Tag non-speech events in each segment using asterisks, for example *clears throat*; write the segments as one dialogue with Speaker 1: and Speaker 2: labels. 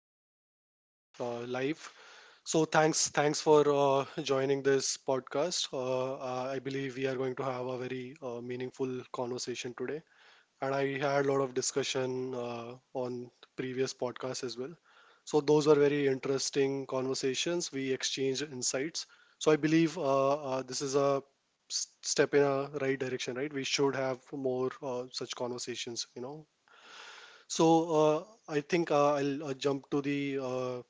Speaker 1: so I think we are live. So thanks for joining this podcast. I believe we are going to have a very meaningful conversation today, and I had a lot of discussion on previous podcasts as well. So those were very interesting conversations. We exchanged insights. So I believe this is a step in a right direction, right? We should have more such conversations, you know, so uh, I think I'll jump to the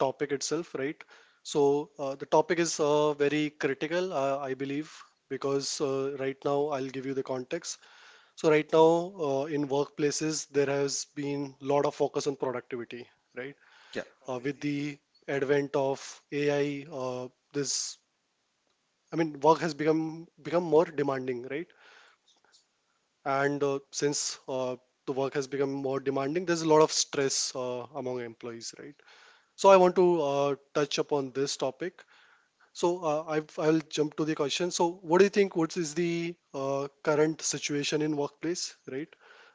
Speaker 1: topic itself, right? So the topic is very critical, I believe, because right now I'll give you the context. So right now in workplaces there has been lot of focus on productivity, right?
Speaker 2: Yeah.
Speaker 1: With the advent of AI, this I mean work has become more demanding, right? And since the work has become more demanding, there's a lot of stress among employees, right? So I want to touch upon this topic. So I'll jump to the question. So what do you think? What is the current situation in workplace, right?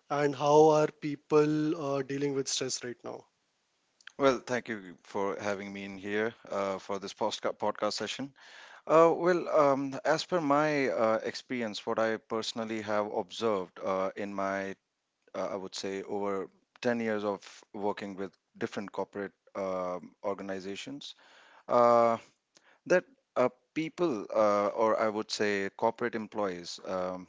Speaker 1: And how are people dealing with stress right now?
Speaker 2: Well, thank you for having me in here for this podcast session. Well, as per my experience, what I personally have observed in my, I would say, over 10 years of working with different corporate organizations, uh, that people, or I would say corporate employees,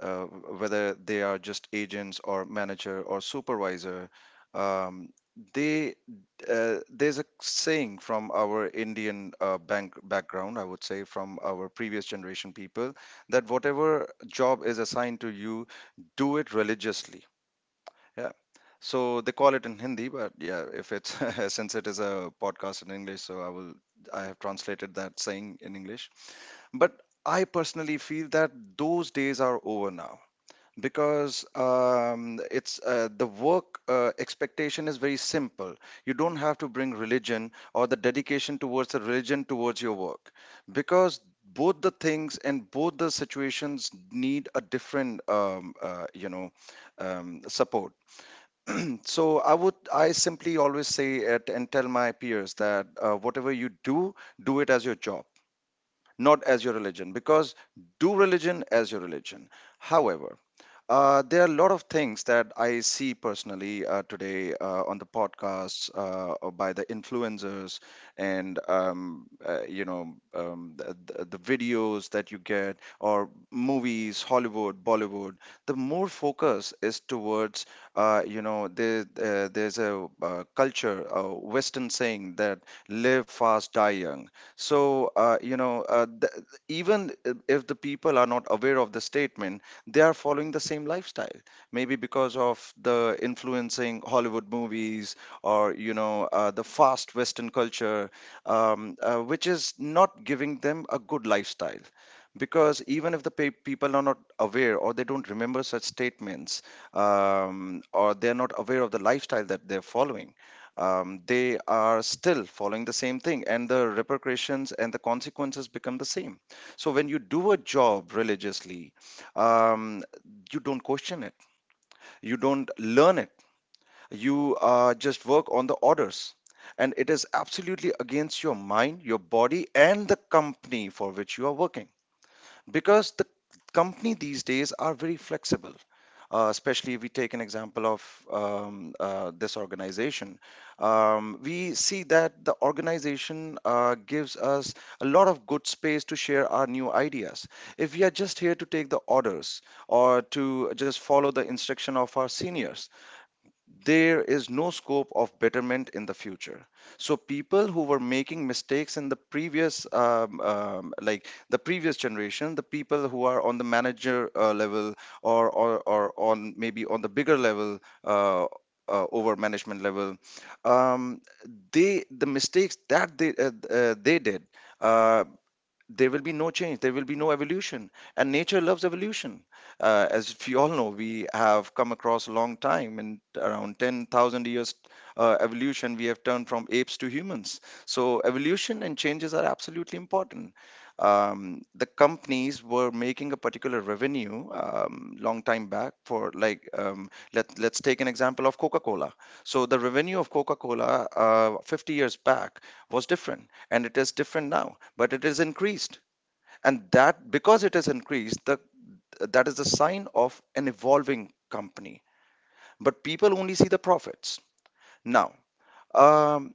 Speaker 2: uh, whether they are just agents or manager or supervisor, um, they there's a saying from our Indian bank background, I would say, from our previous generation people, that whatever job is assigned to you, do it religiously. Yeah. So they call it in Hindi, but yeah, if it's *laughs* since it is a podcast in English, so I have translated that saying in English. But I personally feel that those days are over now because it's the work expectation is very simple. You don't have to bring religion or the dedication towards the religion towards your work because both the things and both the situations need a different support. *clears throat* So I simply always say it and tell my peers that whatever you do, do it as your job, not as your religion, because do religion as your religion. However, there are a lot of things that I see personally today on the podcasts or by the influencers, and the videos that you get or movies, Hollywood, Bollywood. The more focus is towards there's a culture, a Western saying that live fast, die young. So even if the people are not aware of the statement, they are following the same lifestyle, maybe because of the influencing Hollywood movies, or the fast Western culture, which is not giving them a good lifestyle, because even if the people are not aware or they don't remember such statements, or they're not aware of the lifestyle that they're following, they are still following the same thing, and the repercussions and the consequences become the same. So when you do a job religiously, um, you don't question it, you don't learn it, you just work on the orders, and it is absolutely against your mind, your body, and the company for which you are working, because the company these days are very flexible. Especially if we take an example of this organization, we see that the organization gives us a lot of good space to share our new ideas. If we are just here to take the orders or to just follow the instruction of our seniors, there is no scope of betterment in the future. So people who were making mistakes in the previous like the previous generation, the people who are on the manager level, or on maybe on the bigger level, uh, over management level, um, they, the mistakes that they did, uh, there will be no change, there will be no evolution. And nature loves evolution. As we all know, we have come across a long time in around 10,000 years. Evolution, we have turned from apes to humans, so evolution and changes are absolutely important. The companies were making a particular revenue, long time back, for like let's take an example of Coca-Cola. So the revenue of Coca-Cola 50 years back was different, and it is different now, but it is increased. And that, because it is increased, that is the sign of an evolving company. But people only see the profits now. um,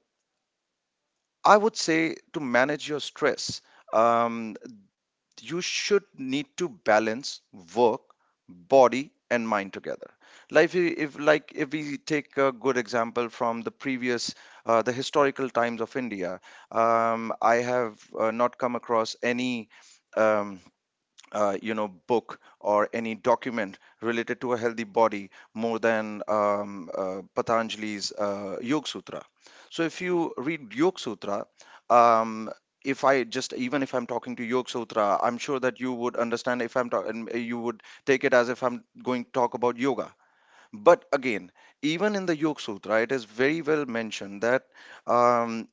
Speaker 2: I would say to manage your stress, um, you should need to balance work, body, and mind together. Like if we take a good example from the previous the historical times of India, I have not come across any um, book or any document related to a healthy body more than Patanjali's Yoga Sutra. So if you read Yoga Sutra, um, if I just, even if I'm talking to Yoga Sutra, I'm sure that you would understand if I'm talking. You would take it as if I'm going to talk about yoga. But again, even in the Yoga Sutra, it is very well mentioned that um,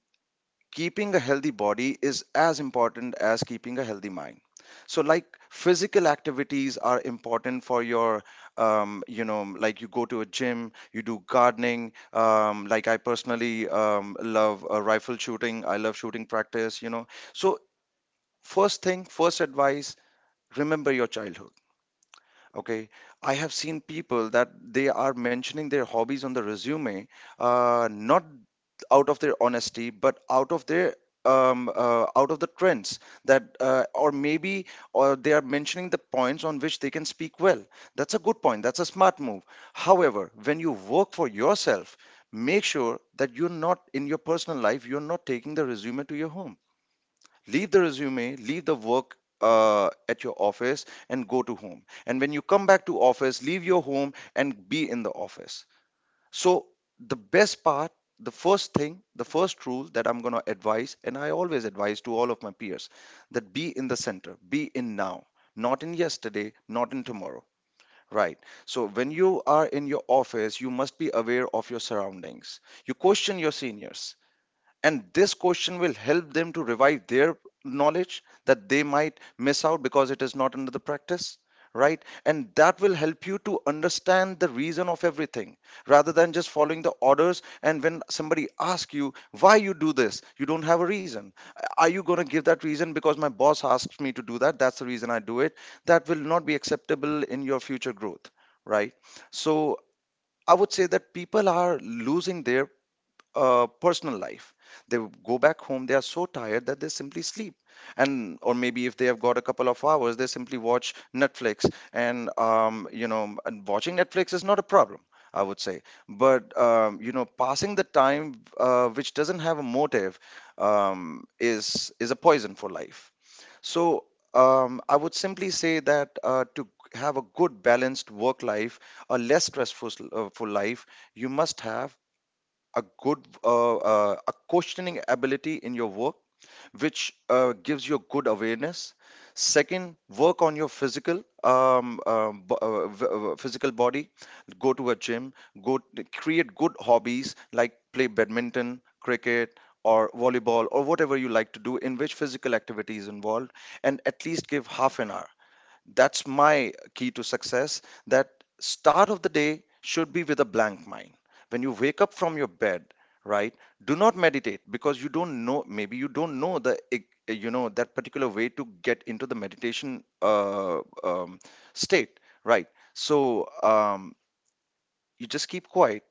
Speaker 2: keeping a healthy body is as important as keeping a healthy mind. So like, physical activities are important for your like you go to a gym, you do gardening, like I personally love rifle shooting. I love shooting practice, you know. So, first thing, first advice: remember your childhood. Okay, I have seen people that they are mentioning their hobbies on the resume, not out of their honesty, but out of their out of the trends, or maybe, or they are mentioning the points on which they can speak well. That's a good point. That's a smart move. However, when you work for yourself, make sure that you're not, in your personal life, you're not taking the resume to your home. Leave the resume, leave the work at your office and go to home, and when you come back to office, leave your home and be in the office. So, the best part, the first thing, the first rule that I'm going to advise, and I always advise to all of my peers, that be in the center, be in now, not in yesterday, not in tomorrow, right? So when you are in your office, you must be aware of your surroundings. You question your seniors, and this question will help them to revive their knowledge that they might miss out because it is not under the practice, right? And that will help you to understand the reason of everything, rather than just following the orders. And when somebody asks you why you do this, you don't have a reason. Are you going to give that reason because my boss asks me to do that, that's the reason I do it? That will not be acceptable in your future growth, right? So I would say that people are losing their personal life. They go back home, they are so tired that they simply sleep. And or maybe if they have got a couple of hours, they simply watch Netflix. And and watching Netflix is not a problem, I would say. But passing the time which doesn't have a motive is a poison for life. So I would simply say that to have a good balanced work life, a less stressful for life, you must have a good a questioning ability in your work, which gives you a good awareness. Second, work on your physical physical body. Go to a gym, create good hobbies like play badminton, cricket, or volleyball, or whatever you like to do in which physical activity is involved, and at least give half an hour. That's my key to success. That start of the day should be with a blank mind. When you wake up from your bed, right? Do not meditate because you don't know. Maybe you don't know the you know, that particular way to get into the meditation state, right? So you just keep quiet.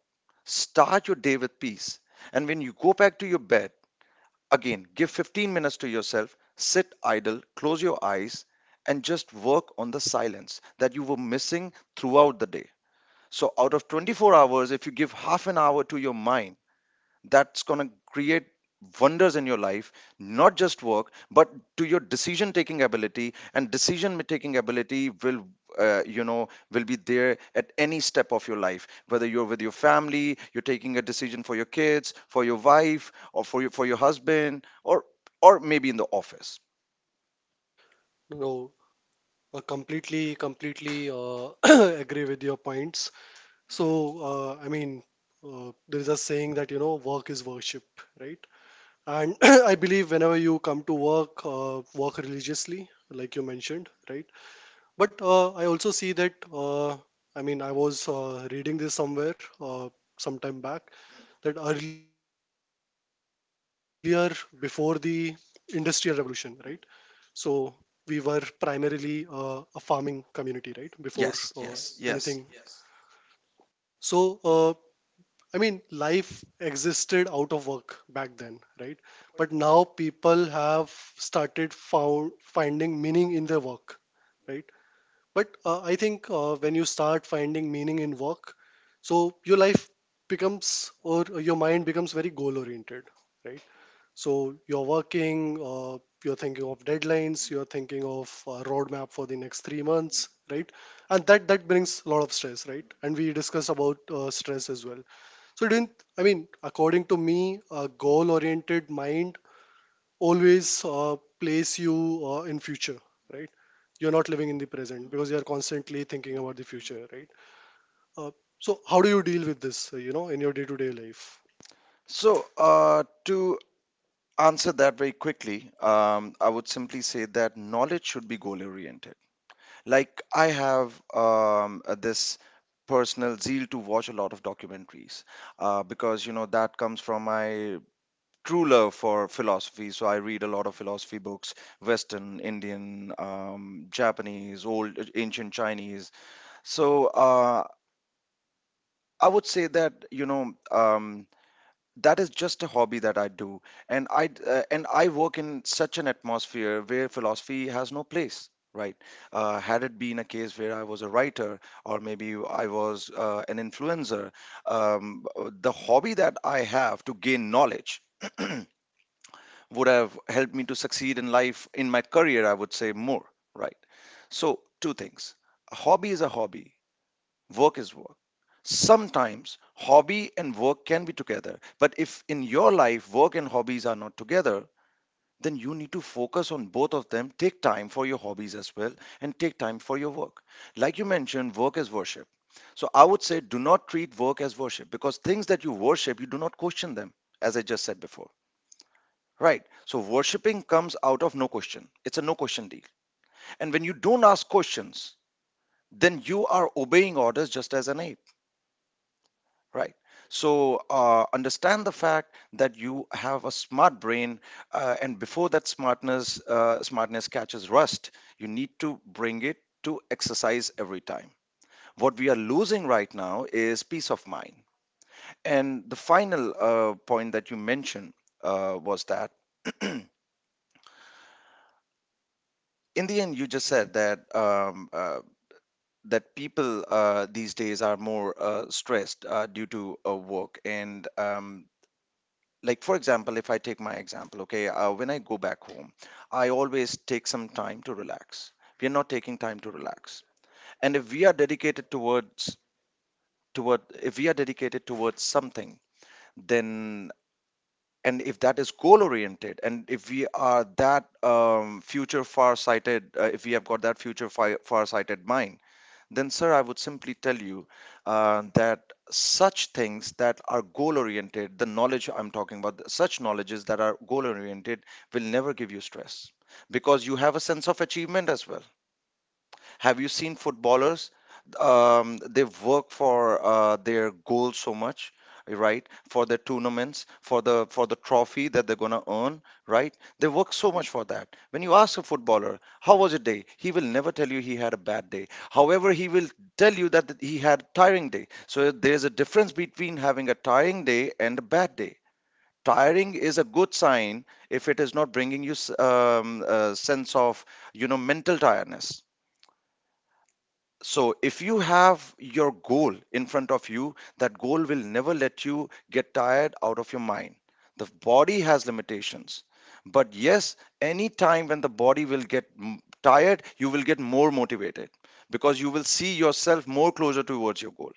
Speaker 2: Start your day with peace, and when you go back to your bed, again, give 15 minutes to yourself, sit idle, close your eyes, and just work on the silence that you were missing throughout the day. So, out of 24 hours, if you give half an hour to your mind, that's going to create wonders in your life, not just work, but to your decision taking ability. And decision taking ability will will be there at any step of your life, whether you're with your family, you're taking a decision for your kids, for your wife, or for your, for your husband, or maybe in the office.
Speaker 1: No, completely *clears throat* agree with your points. So I mean, there is a saying that you know work is worship, right? And *clears throat* I believe whenever you come to work, work religiously, like you mentioned, right? But I also see that, I mean, I was reading this somewhere some time back that earlier, before the Industrial Revolution, right? So we were primarily a farming community, right? Before
Speaker 2: Yes,
Speaker 1: Yes.
Speaker 2: yes,
Speaker 1: anything.
Speaker 2: yes.
Speaker 1: Yes. So, I mean, life existed out of work back then, right? But now people have started finding meaning in their work, right? But I think when you start finding meaning in work, so your life becomes or your mind becomes very goal oriented, right? So you're working, you're thinking of deadlines, you're thinking of a roadmap for the next 3 months, right? And that brings a lot of stress, right? And we discussed about stress as well. So didn't I mean, according to me, a goal oriented mind always place you in future, right? You're not living in the present because you're constantly thinking about the future, right? Uh, so how do you deal with this, you know, in your day-to-day life?
Speaker 2: So to answer that very quickly, I would simply say that knowledge should be goal oriented. Like I have this personal zeal to watch a lot of documentaries, because you know that comes from my true love for philosophy. So I read a lot of philosophy books, Western, Indian, Japanese, old, ancient Chinese. So I would say that, you know, that is just a hobby that I do, and and I work in such an atmosphere where philosophy has no place. Right? Had it been a case where I was a writer or maybe I was an influencer, um, the hobby that I have to gain knowledge *clears throat* would have helped me to succeed in life, in my career, I would say more. Right? So, two things: a hobby is a hobby, work is work. Sometimes hobby and work can be together, but if in your life work and hobbies are not together, then you need to focus on both of them. Take time for your hobbies as well and take time for your work. Like you mentioned, work is worship. So I would say do not treat work as worship because things that you worship, you do not question them, as I just said before. Right. So worshipping comes out of no question. It's a no question deal. And when you don't ask questions, then you are obeying orders just as an ape. Right. So understand the fact that you have a smart brain, and before that smartness smartness catches rust, you need to bring it to exercise every time. What we are losing right now is peace of mind. And the final point that you mentioned was that *clears throat* in the end, you just said that that people these days are more stressed due to work, and like for example if I take my example, okay, when I go back home I always take some time to relax. We are not taking time to relax, and if we are dedicated toward if we are dedicated towards something, then, and if that is goal oriented and if we are that future far sighted, if we have got that future far sighted mind, then sir I would simply tell you that such things that are goal oriented, the knowledge I'm talking about, such knowledges that are goal oriented will never give you stress because you have a sense of achievement as well. Have you seen footballers? They work for their goals so much, right? For their tournaments, for the trophy that they're gonna earn, right? They work so much for that. When you ask a footballer, how was your day? He will never tell you he had a bad day. However, he will tell you that he had a tiring day. So there's a difference between having a tiring day and a bad day. Tiring is a good sign if it is not bringing you a sense of, mental tiredness. So, if you have your goal in front of you, that goal will never let you get tired out of your mind. The body has limitations. But yes, any time when the body will get tired, you will get more motivated because you will see yourself more closer towards your goal.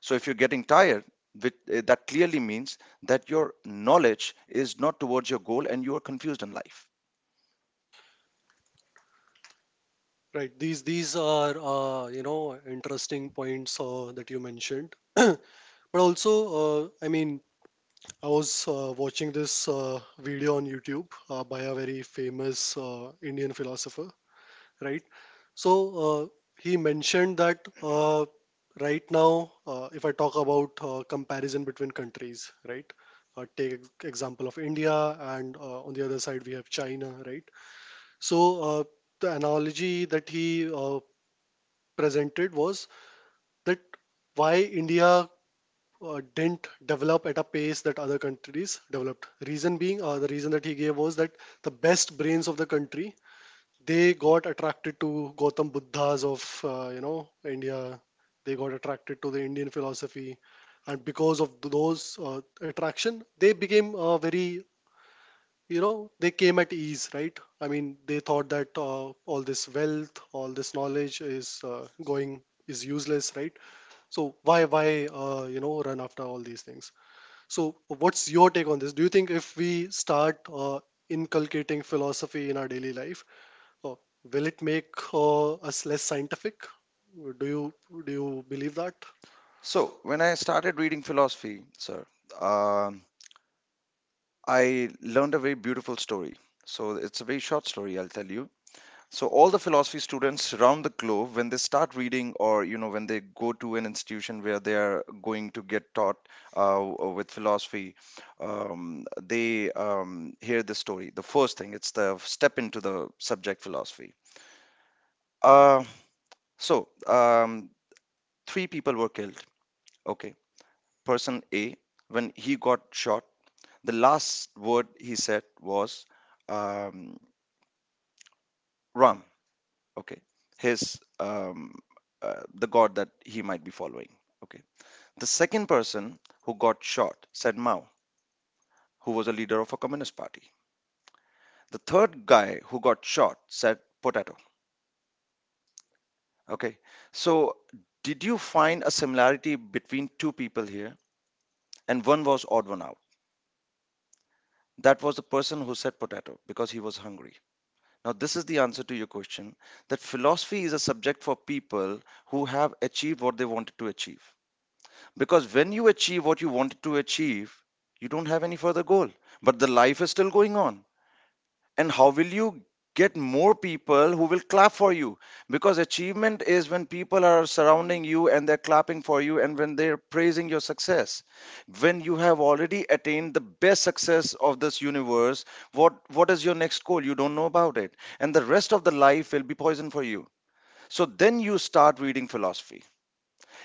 Speaker 2: So, if you're getting tired, that clearly means that your knowledge is not towards your goal and you are confused in life.
Speaker 1: Right, these are you know interesting points that you mentioned, *clears throat* but also I mean I was watching this video on YouTube by a very famous Indian philosopher, right? So uh, he mentioned that right now, if I talk about comparison between countries, right? Take example of India, and on the other side we have China, right? So the analogy that he presented was that why India didn't develop at a pace that other countries developed. Reason being, the reason that he gave was that the best brains of the country, they got attracted to Gautam Buddhas of you know India. They got attracted to the Indian philosophy, and because of those attraction, they became very you know they came at ease, right? I mean, they thought that all this wealth, all this knowledge is going is useless, right? So why you know run after all these things? So what's your take on this? Do you think if we start inculcating philosophy in our daily life? Oh, will it make us less scientific? Do you do you believe that?
Speaker 2: So, when I started reading philosophy, sir, um I learned a very beautiful story. So it's a very short story, I'll tell you. So all the philosophy students around the globe, when they start reading, or when they go to an institution where they are going to get taught with philosophy, they hear this story. The first thing, it's the step into the subject philosophy. Uh, so um, Three people were killed. Okay, person A, when he got shot, the last word he said was um, Ram. Okay. his The god that he might be following. Okay. The second person who got shot said Mao, who was a leader of a communist party. The third guy who got shot said potato. Okay. So did you find a similarity between two people here and one was odd one out? That was the person who said potato because he was hungry. Now this is the answer to your question, that philosophy is a subject for people who have achieved what they wanted to achieve. Because when you achieve what you wanted to achieve, you don't have any further goal. But the life is still going on. And how will you get more people who will clap for you? Because achievement is when people are surrounding you and they're clapping for you and when they're praising your success. When you have already attained the best success of this universe, what is your next goal? You don't know about it. And the rest of the life will be poison for you. So then you start reading philosophy.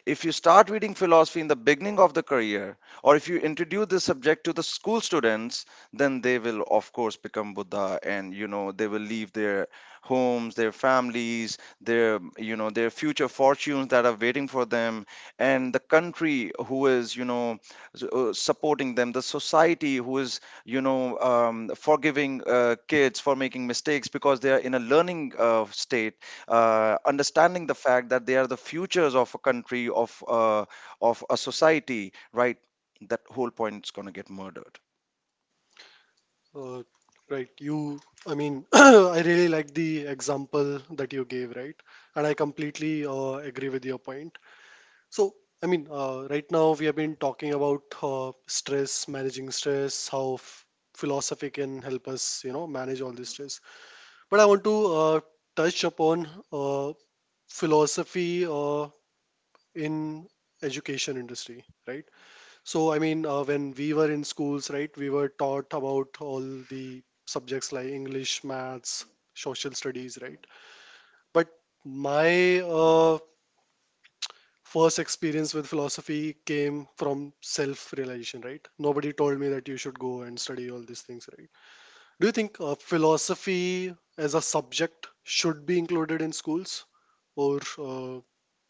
Speaker 2: If you start reading philosophy in the beginning of the career, or if you introduce this subject to the school students, then they will, of course, become Buddha, and they will leave their homes, their families, their their future fortunes that are waiting for them, and the country who is supporting them, the society who is forgiving kids for making mistakes because they are in a learning state, understanding the fact that they are the futures of a country of a society, right? That whole point is going to get murdered.
Speaker 1: Uh, right. You. I mean, *coughs* *clears throat* I really like the example that you gave, right? And I completely agree with your point. So, I mean, right now we have been talking about stress, managing stress, how philosophy can help us, you know, manage all this stress. But I want to touch upon philosophy in education industry, right? So, I mean, when we were in schools, right, we were taught about all the subjects like English, maths, social studies, right? But my first experience with philosophy came from self-realization, right? Nobody told me that you should go and study all these things, right? Do you think philosophy as a subject should be included in schools? Or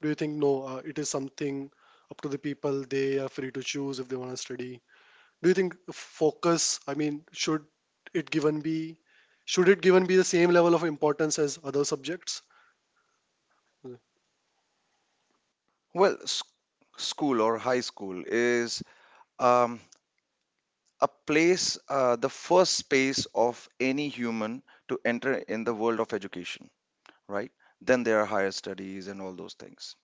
Speaker 1: do you think no, it is something up to the people, they are free to choose if they want to study? Do you think focus I mean should it given be should it given be the same level of importance as other subjects? Mm,
Speaker 2: well s- School or high school is, um, a place, the first space of any human to enter in the world of education, right? Then there are higher studies and all those things.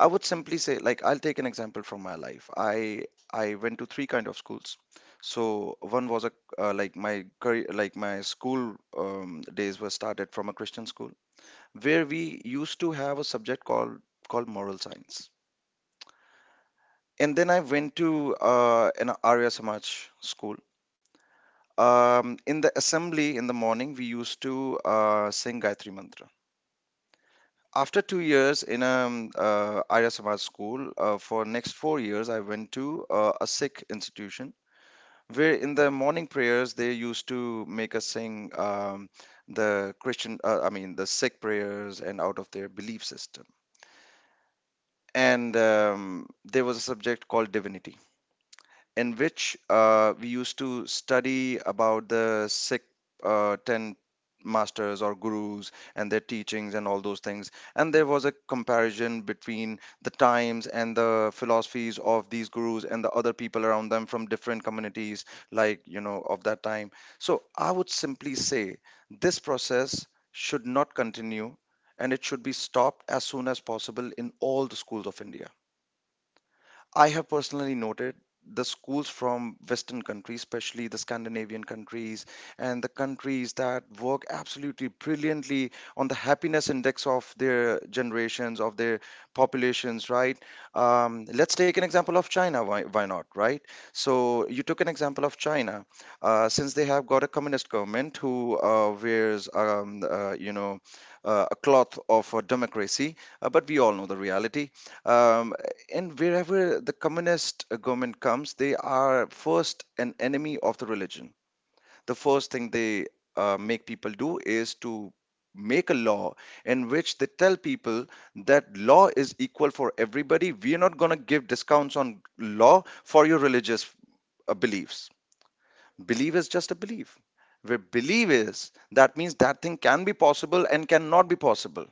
Speaker 2: I would simply say, like, I'll take an example from my life. I went to three kind of schools. So one was a like my like my school days were started from a Christian school where we used to have a subject called moral science. And then I went to an Arya Samaj school. In the assembly in the morning, we used to sing Gayatri Mantra. After 2 years in a Arya Samaj school, for next 4 years, I went to a Sikh institution where in the morning prayers they used to make us sing the Christian, I mean the Sikh prayers and out of their belief system. And there was a subject called divinity in which we used to study about the Sikh 10 masters or gurus and their teachings and all those things. And there was a comparison between the times and the philosophies of these gurus and the other people around them from different communities, like, you know, of that time. So I would simply say this process should not continue and it should be stopped as soon as possible in all the schools of India. I have personally noted the schools from Western countries, especially the Scandinavian countries and the countries that work absolutely brilliantly on the happiness index of their generations, of their populations, right? Let's take an example of China, why not, right? So you took an example of China. Since they have got a communist government who wears, a cloth of democracy, but we all know the reality. Um, and wherever the communist government comes, they are first an enemy of the religion. The first thing they make people do is to make a law in which they tell people that law is equal for everybody. We are not going to give discounts on law for your religious beliefs. Belief is just a belief. Where belief is, that means that thing can be possible and cannot be possible.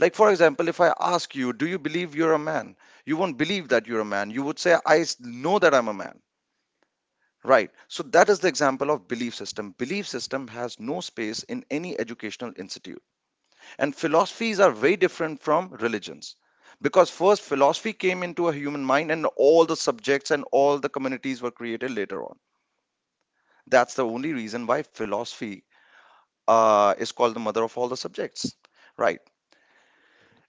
Speaker 2: Like, for example, if I ask you, do you believe you're a man? You won't believe that you're a man. You would say, know that I'm a man. Right. So that is the example of belief system. Belief system has no space in any educational institute. And philosophies are very different from religions. Because first, philosophy came into a human mind, and all the subjects and all the communities were created later on. That's the only reason why philosophy is called the mother of all the subjects, right?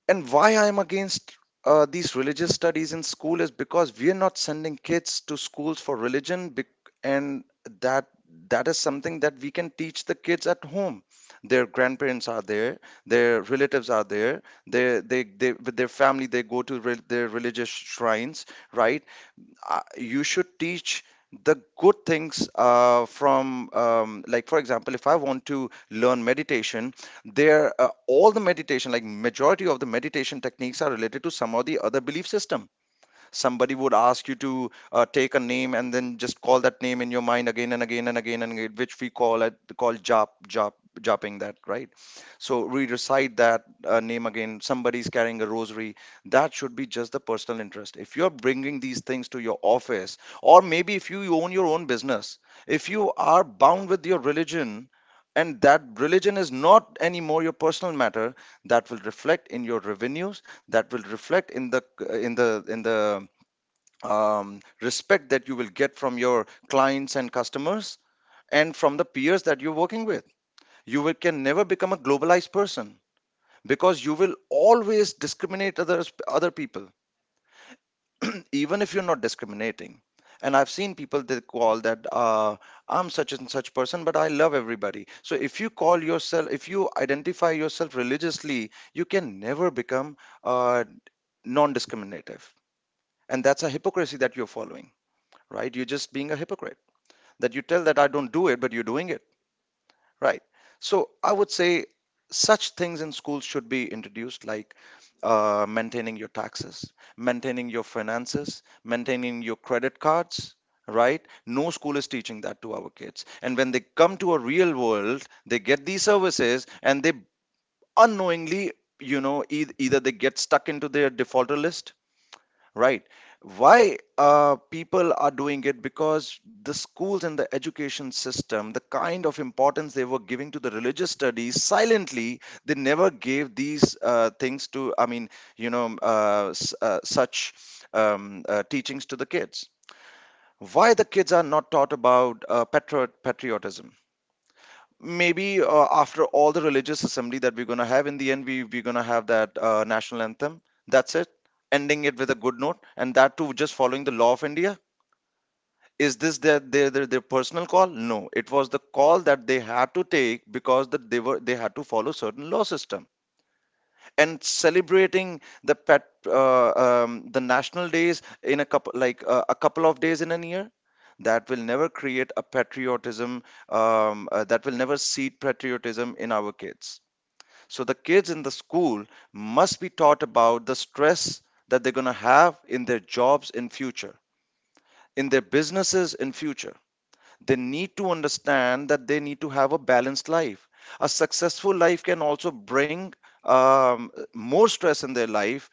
Speaker 2: And why I am against these religious studies in school is because we are not sending kids to schools for religion, bec- and that that is something that we can teach the kids at home. Their grandparents are there, their relatives are there, they with their family they go to their religious shrines, right? You should teach the good things, from like, for example, if I want to learn meditation, there all the meditation, like, majority of the meditation techniques are related to some or the other belief system. Somebody would ask you to take a name and then just call that name in your mind again and again and again and again, which we call at call jap japping, that right? So we recite that name again. Somebody's carrying a rosary. That should be just the personal interest. If you're bringing these things to your office, or maybe if you own your own business, if you are bound with your religion and that religion is not anymore your personal matter, that will reflect in your revenues, that will reflect in the respect that you will get from your clients and customers, and from the peers that you're working with. You will, can never become a globalized person, because you will always discriminate others, other people, *clears throat* even if you're not discriminating. And I've seen people that call that, I'm such and such person, but I love everybody. So if you call yourself, if you identify yourself religiously, you can never become uh, non-discriminative, and that's a hypocrisy that you're following, right? You're just being a hypocrite, that you tell that I don't do it, but you're doing it, right? So I would say such things in schools should be introduced, like maintaining your taxes, maintaining your finances, maintaining your credit cards, right? No school is teaching that to our kids. And when they come to a real world, they get these services and they, unknowingly, e- either they get stuck into their defaulter list. Right. Why people are doing it? Because the schools and the education system, the kind of importance they were giving to the religious studies silently, they never gave these things to, I mean, such teachings to the kids. Why the kids are not taught about patriotism? Maybe after all the religious assembly that we're going to have, in the end we're going to have that national anthem, that's it, ending it with a good note, and that too just following the law of India. Is this their their personal call? No, it was the call that they had to take, because that they had to follow certain law system. And celebrating the pet the national days in a couple, like a couple of days in a year, that will never create a patriotism. That will never seed patriotism in our kids. So the kids in the school must be taught about the stress that they're going to have in their jobs in future, in their businesses in future. They need to understand that they need to have a balanced life. A successful life can also bring more stress in their life,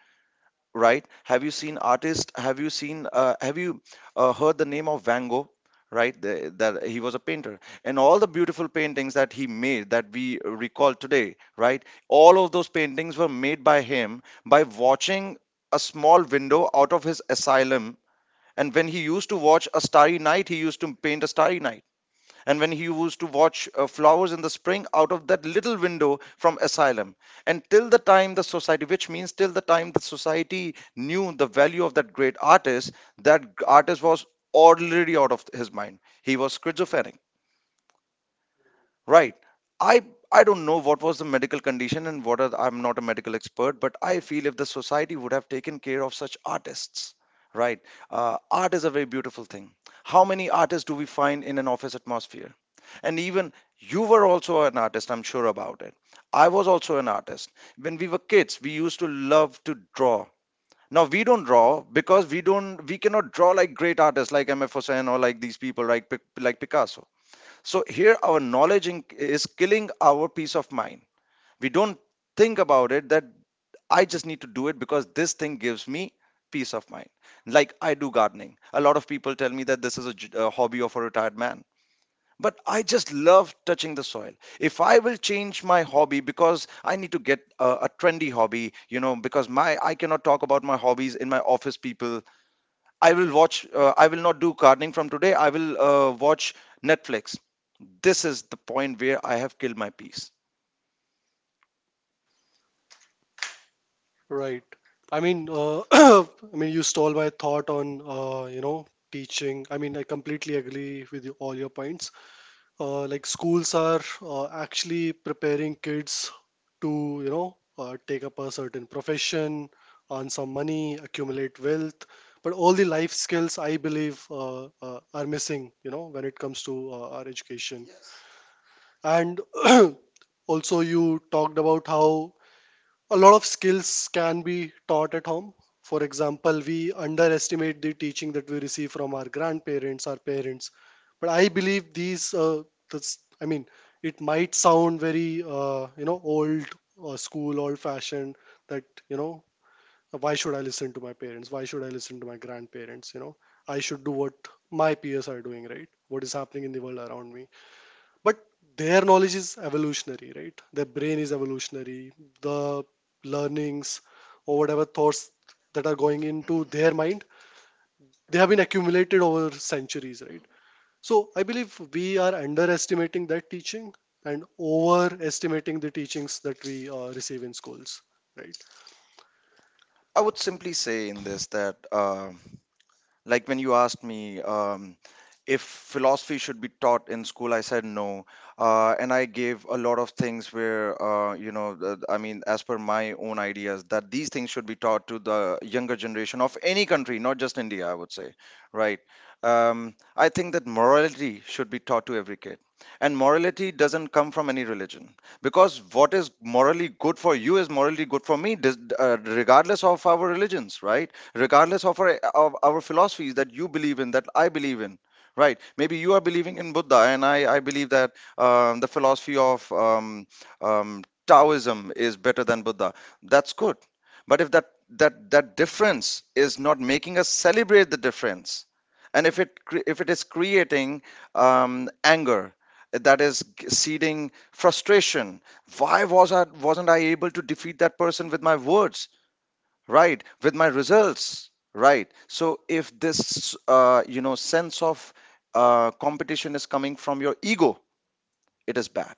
Speaker 2: right? Have you seen artists? Have you seen? Have you heard the name of Van Gogh? Right, that he was a painter, and all the beautiful paintings that he made that we recall today, right? All of those paintings were made by him by watching a small window out of his asylum. And when he used to watch a starry night, he used to paint a starry night. And when he used to watch flowers in the spring out of that little window from asylum, and till the time the society, which means till the time the society knew the value of that great artist, that artist was already out of his mind. He was schizophrenic, right? i I don't know what was the medical condition and what are, I'm not a medical expert, but I feel if the society would have taken care of such artists, right? uh, Art is a very beautiful thing. How many artists do we find in an office atmosphere? And even you were also an artist, I'm sure about it. I was also an artist. When we were kids we used to love to draw. Now we don't draw, because we cannot draw like great artists like MF Hussain, or like these people, like like Picasso. So here our knowledge is killing our peace of mind. We don't think about it, that I just need to do it because this thing gives me peace of mind. Like, I do gardening. A lot of people tell me that this is a, a hobby of a retired man, but I just love touching the soil. If I will change my hobby because I need to get a trendy hobby, you know, because my, I cannot talk about my hobbies in my office people, I will watch. I will not do gardening from today. I will watch Netflix. This is the point where I have killed my peace.
Speaker 1: right, I mean *coughs* *clears throat* I mean you stole my thought on you know teaching. I mean I completely agree with you, all your points. Like schools are actually preparing kids to you know take up a certain profession, earn some money, accumulate wealth, but all the life skills I believe are missing, you know, when it comes to our education. And *clears throat* also you talked about how a lot of skills can be taught at home. For example, we underestimate the teaching that we receive from our grandparents, our parents. But I believe these, this, I mean, it might sound very, you know, old school, old fashioned that, you know, why should I listen to my parents? Why should I listen to my grandparents? You know, I should do what my peers are doing, right? What is happening in the world around me, but their knowledge is evolutionary, right? Their brain is evolutionary. The learnings or whatever thoughts that are going into their mind, they have been accumulated over centuries, right? So I believe we are underestimating that teaching and overestimating the teachings that we receive in schools, right?
Speaker 2: I would simply say in this that. Like when you asked me if philosophy should be taught in school, I said no. And I gave a lot of things where, I mean, as per my own ideas, that these things should be taught to the younger generation of any country, not just India, I would say, right? I think that morality should be taught to every kid. And morality doesn't come from any religion, because what is morally good for you is morally good for me, regardless of our religions, right? Regardless of our, of our philosophies that you believe in, that I believe in. Right? Maybe you are believing in Buddha, and I believe that the philosophy of Taoism is better than Buddha. That's good. But if that difference is not making us celebrate the difference, and if if it is creating anger, that is seeding frustration. Why was I wasn't I able to defeat that person with my words, right? With my results, right? So if this, sense of competition is coming from your ego, it is bad.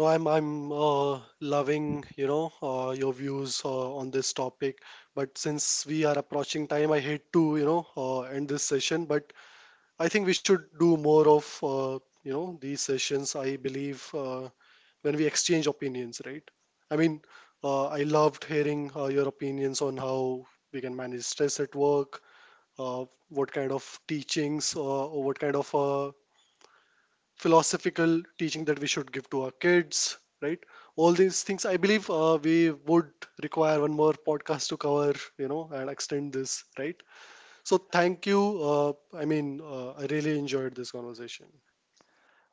Speaker 1: No i'm i'm uh, loving you know your views on this topic, but since we are approaching time, I hate to you know end this session, but I think we should do more of you know these sessions. I believe when we exchange opinions, right? I mean, I loved hearing your opinions on how we can manage stress at work, what kind of teachings or what kind of philosophical teaching that we should give to our kids, right? All these things. I believe we would require one more podcast to cover, you know, and extend this, right? So thank you. I mean, I really enjoyed this conversation.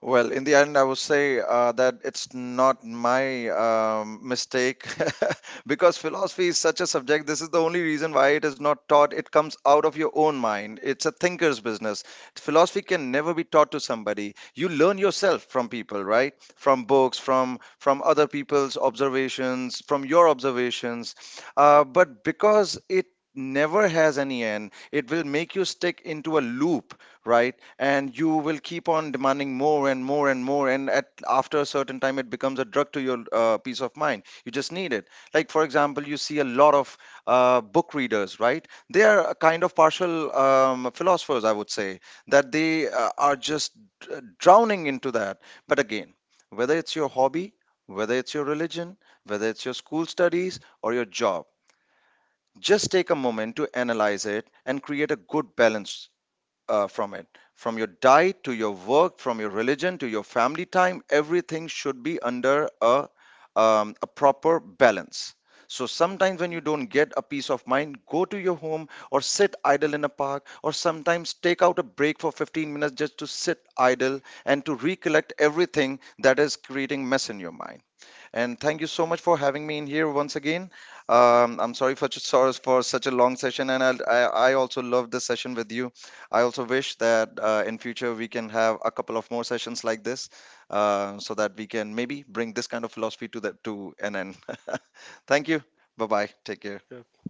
Speaker 2: Well, in the end, I would say that it's not my mistake, *laughs* because philosophy is such a subject. This is the only reason why it is not taught. It comes out of your own mind. It's a thinker's business. Philosophy can never be taught to somebody. You learn yourself from people, right? From books, from other people's observations, from your observations. But because it never has any end, it will make you stick into a loop, right? And you will keep on demanding more and more and more, and at after a certain time it becomes a drug to your peace of mind. You just need it. Like, for example, you see a lot of book readers, right? They are a kind of partial philosophers, I would say, that they are just drowning into that. But again, whether it's your hobby, whether it's your religion, whether it's your school studies or your job, just take a moment to analyze it and create a good balance from it. From your diet to your work, from your religion to your family time, everything should be under a proper balance. So sometimes when you don't get a peace of mind, go to your home or sit idle in a park, or sometimes take out a break for 15 minutes just to sit idle and to recollect everything that is creating mess in your mind. And thank you so much for having me in here once again. I'm sorry for, sorry for such a long session, and I also love this session with you. I also wish that in future we can have a couple of more sessions like this, so that we can maybe bring this kind of philosophy to the to an end. *laughs* Thank you. Bye bye. Take care.
Speaker 1: Yeah.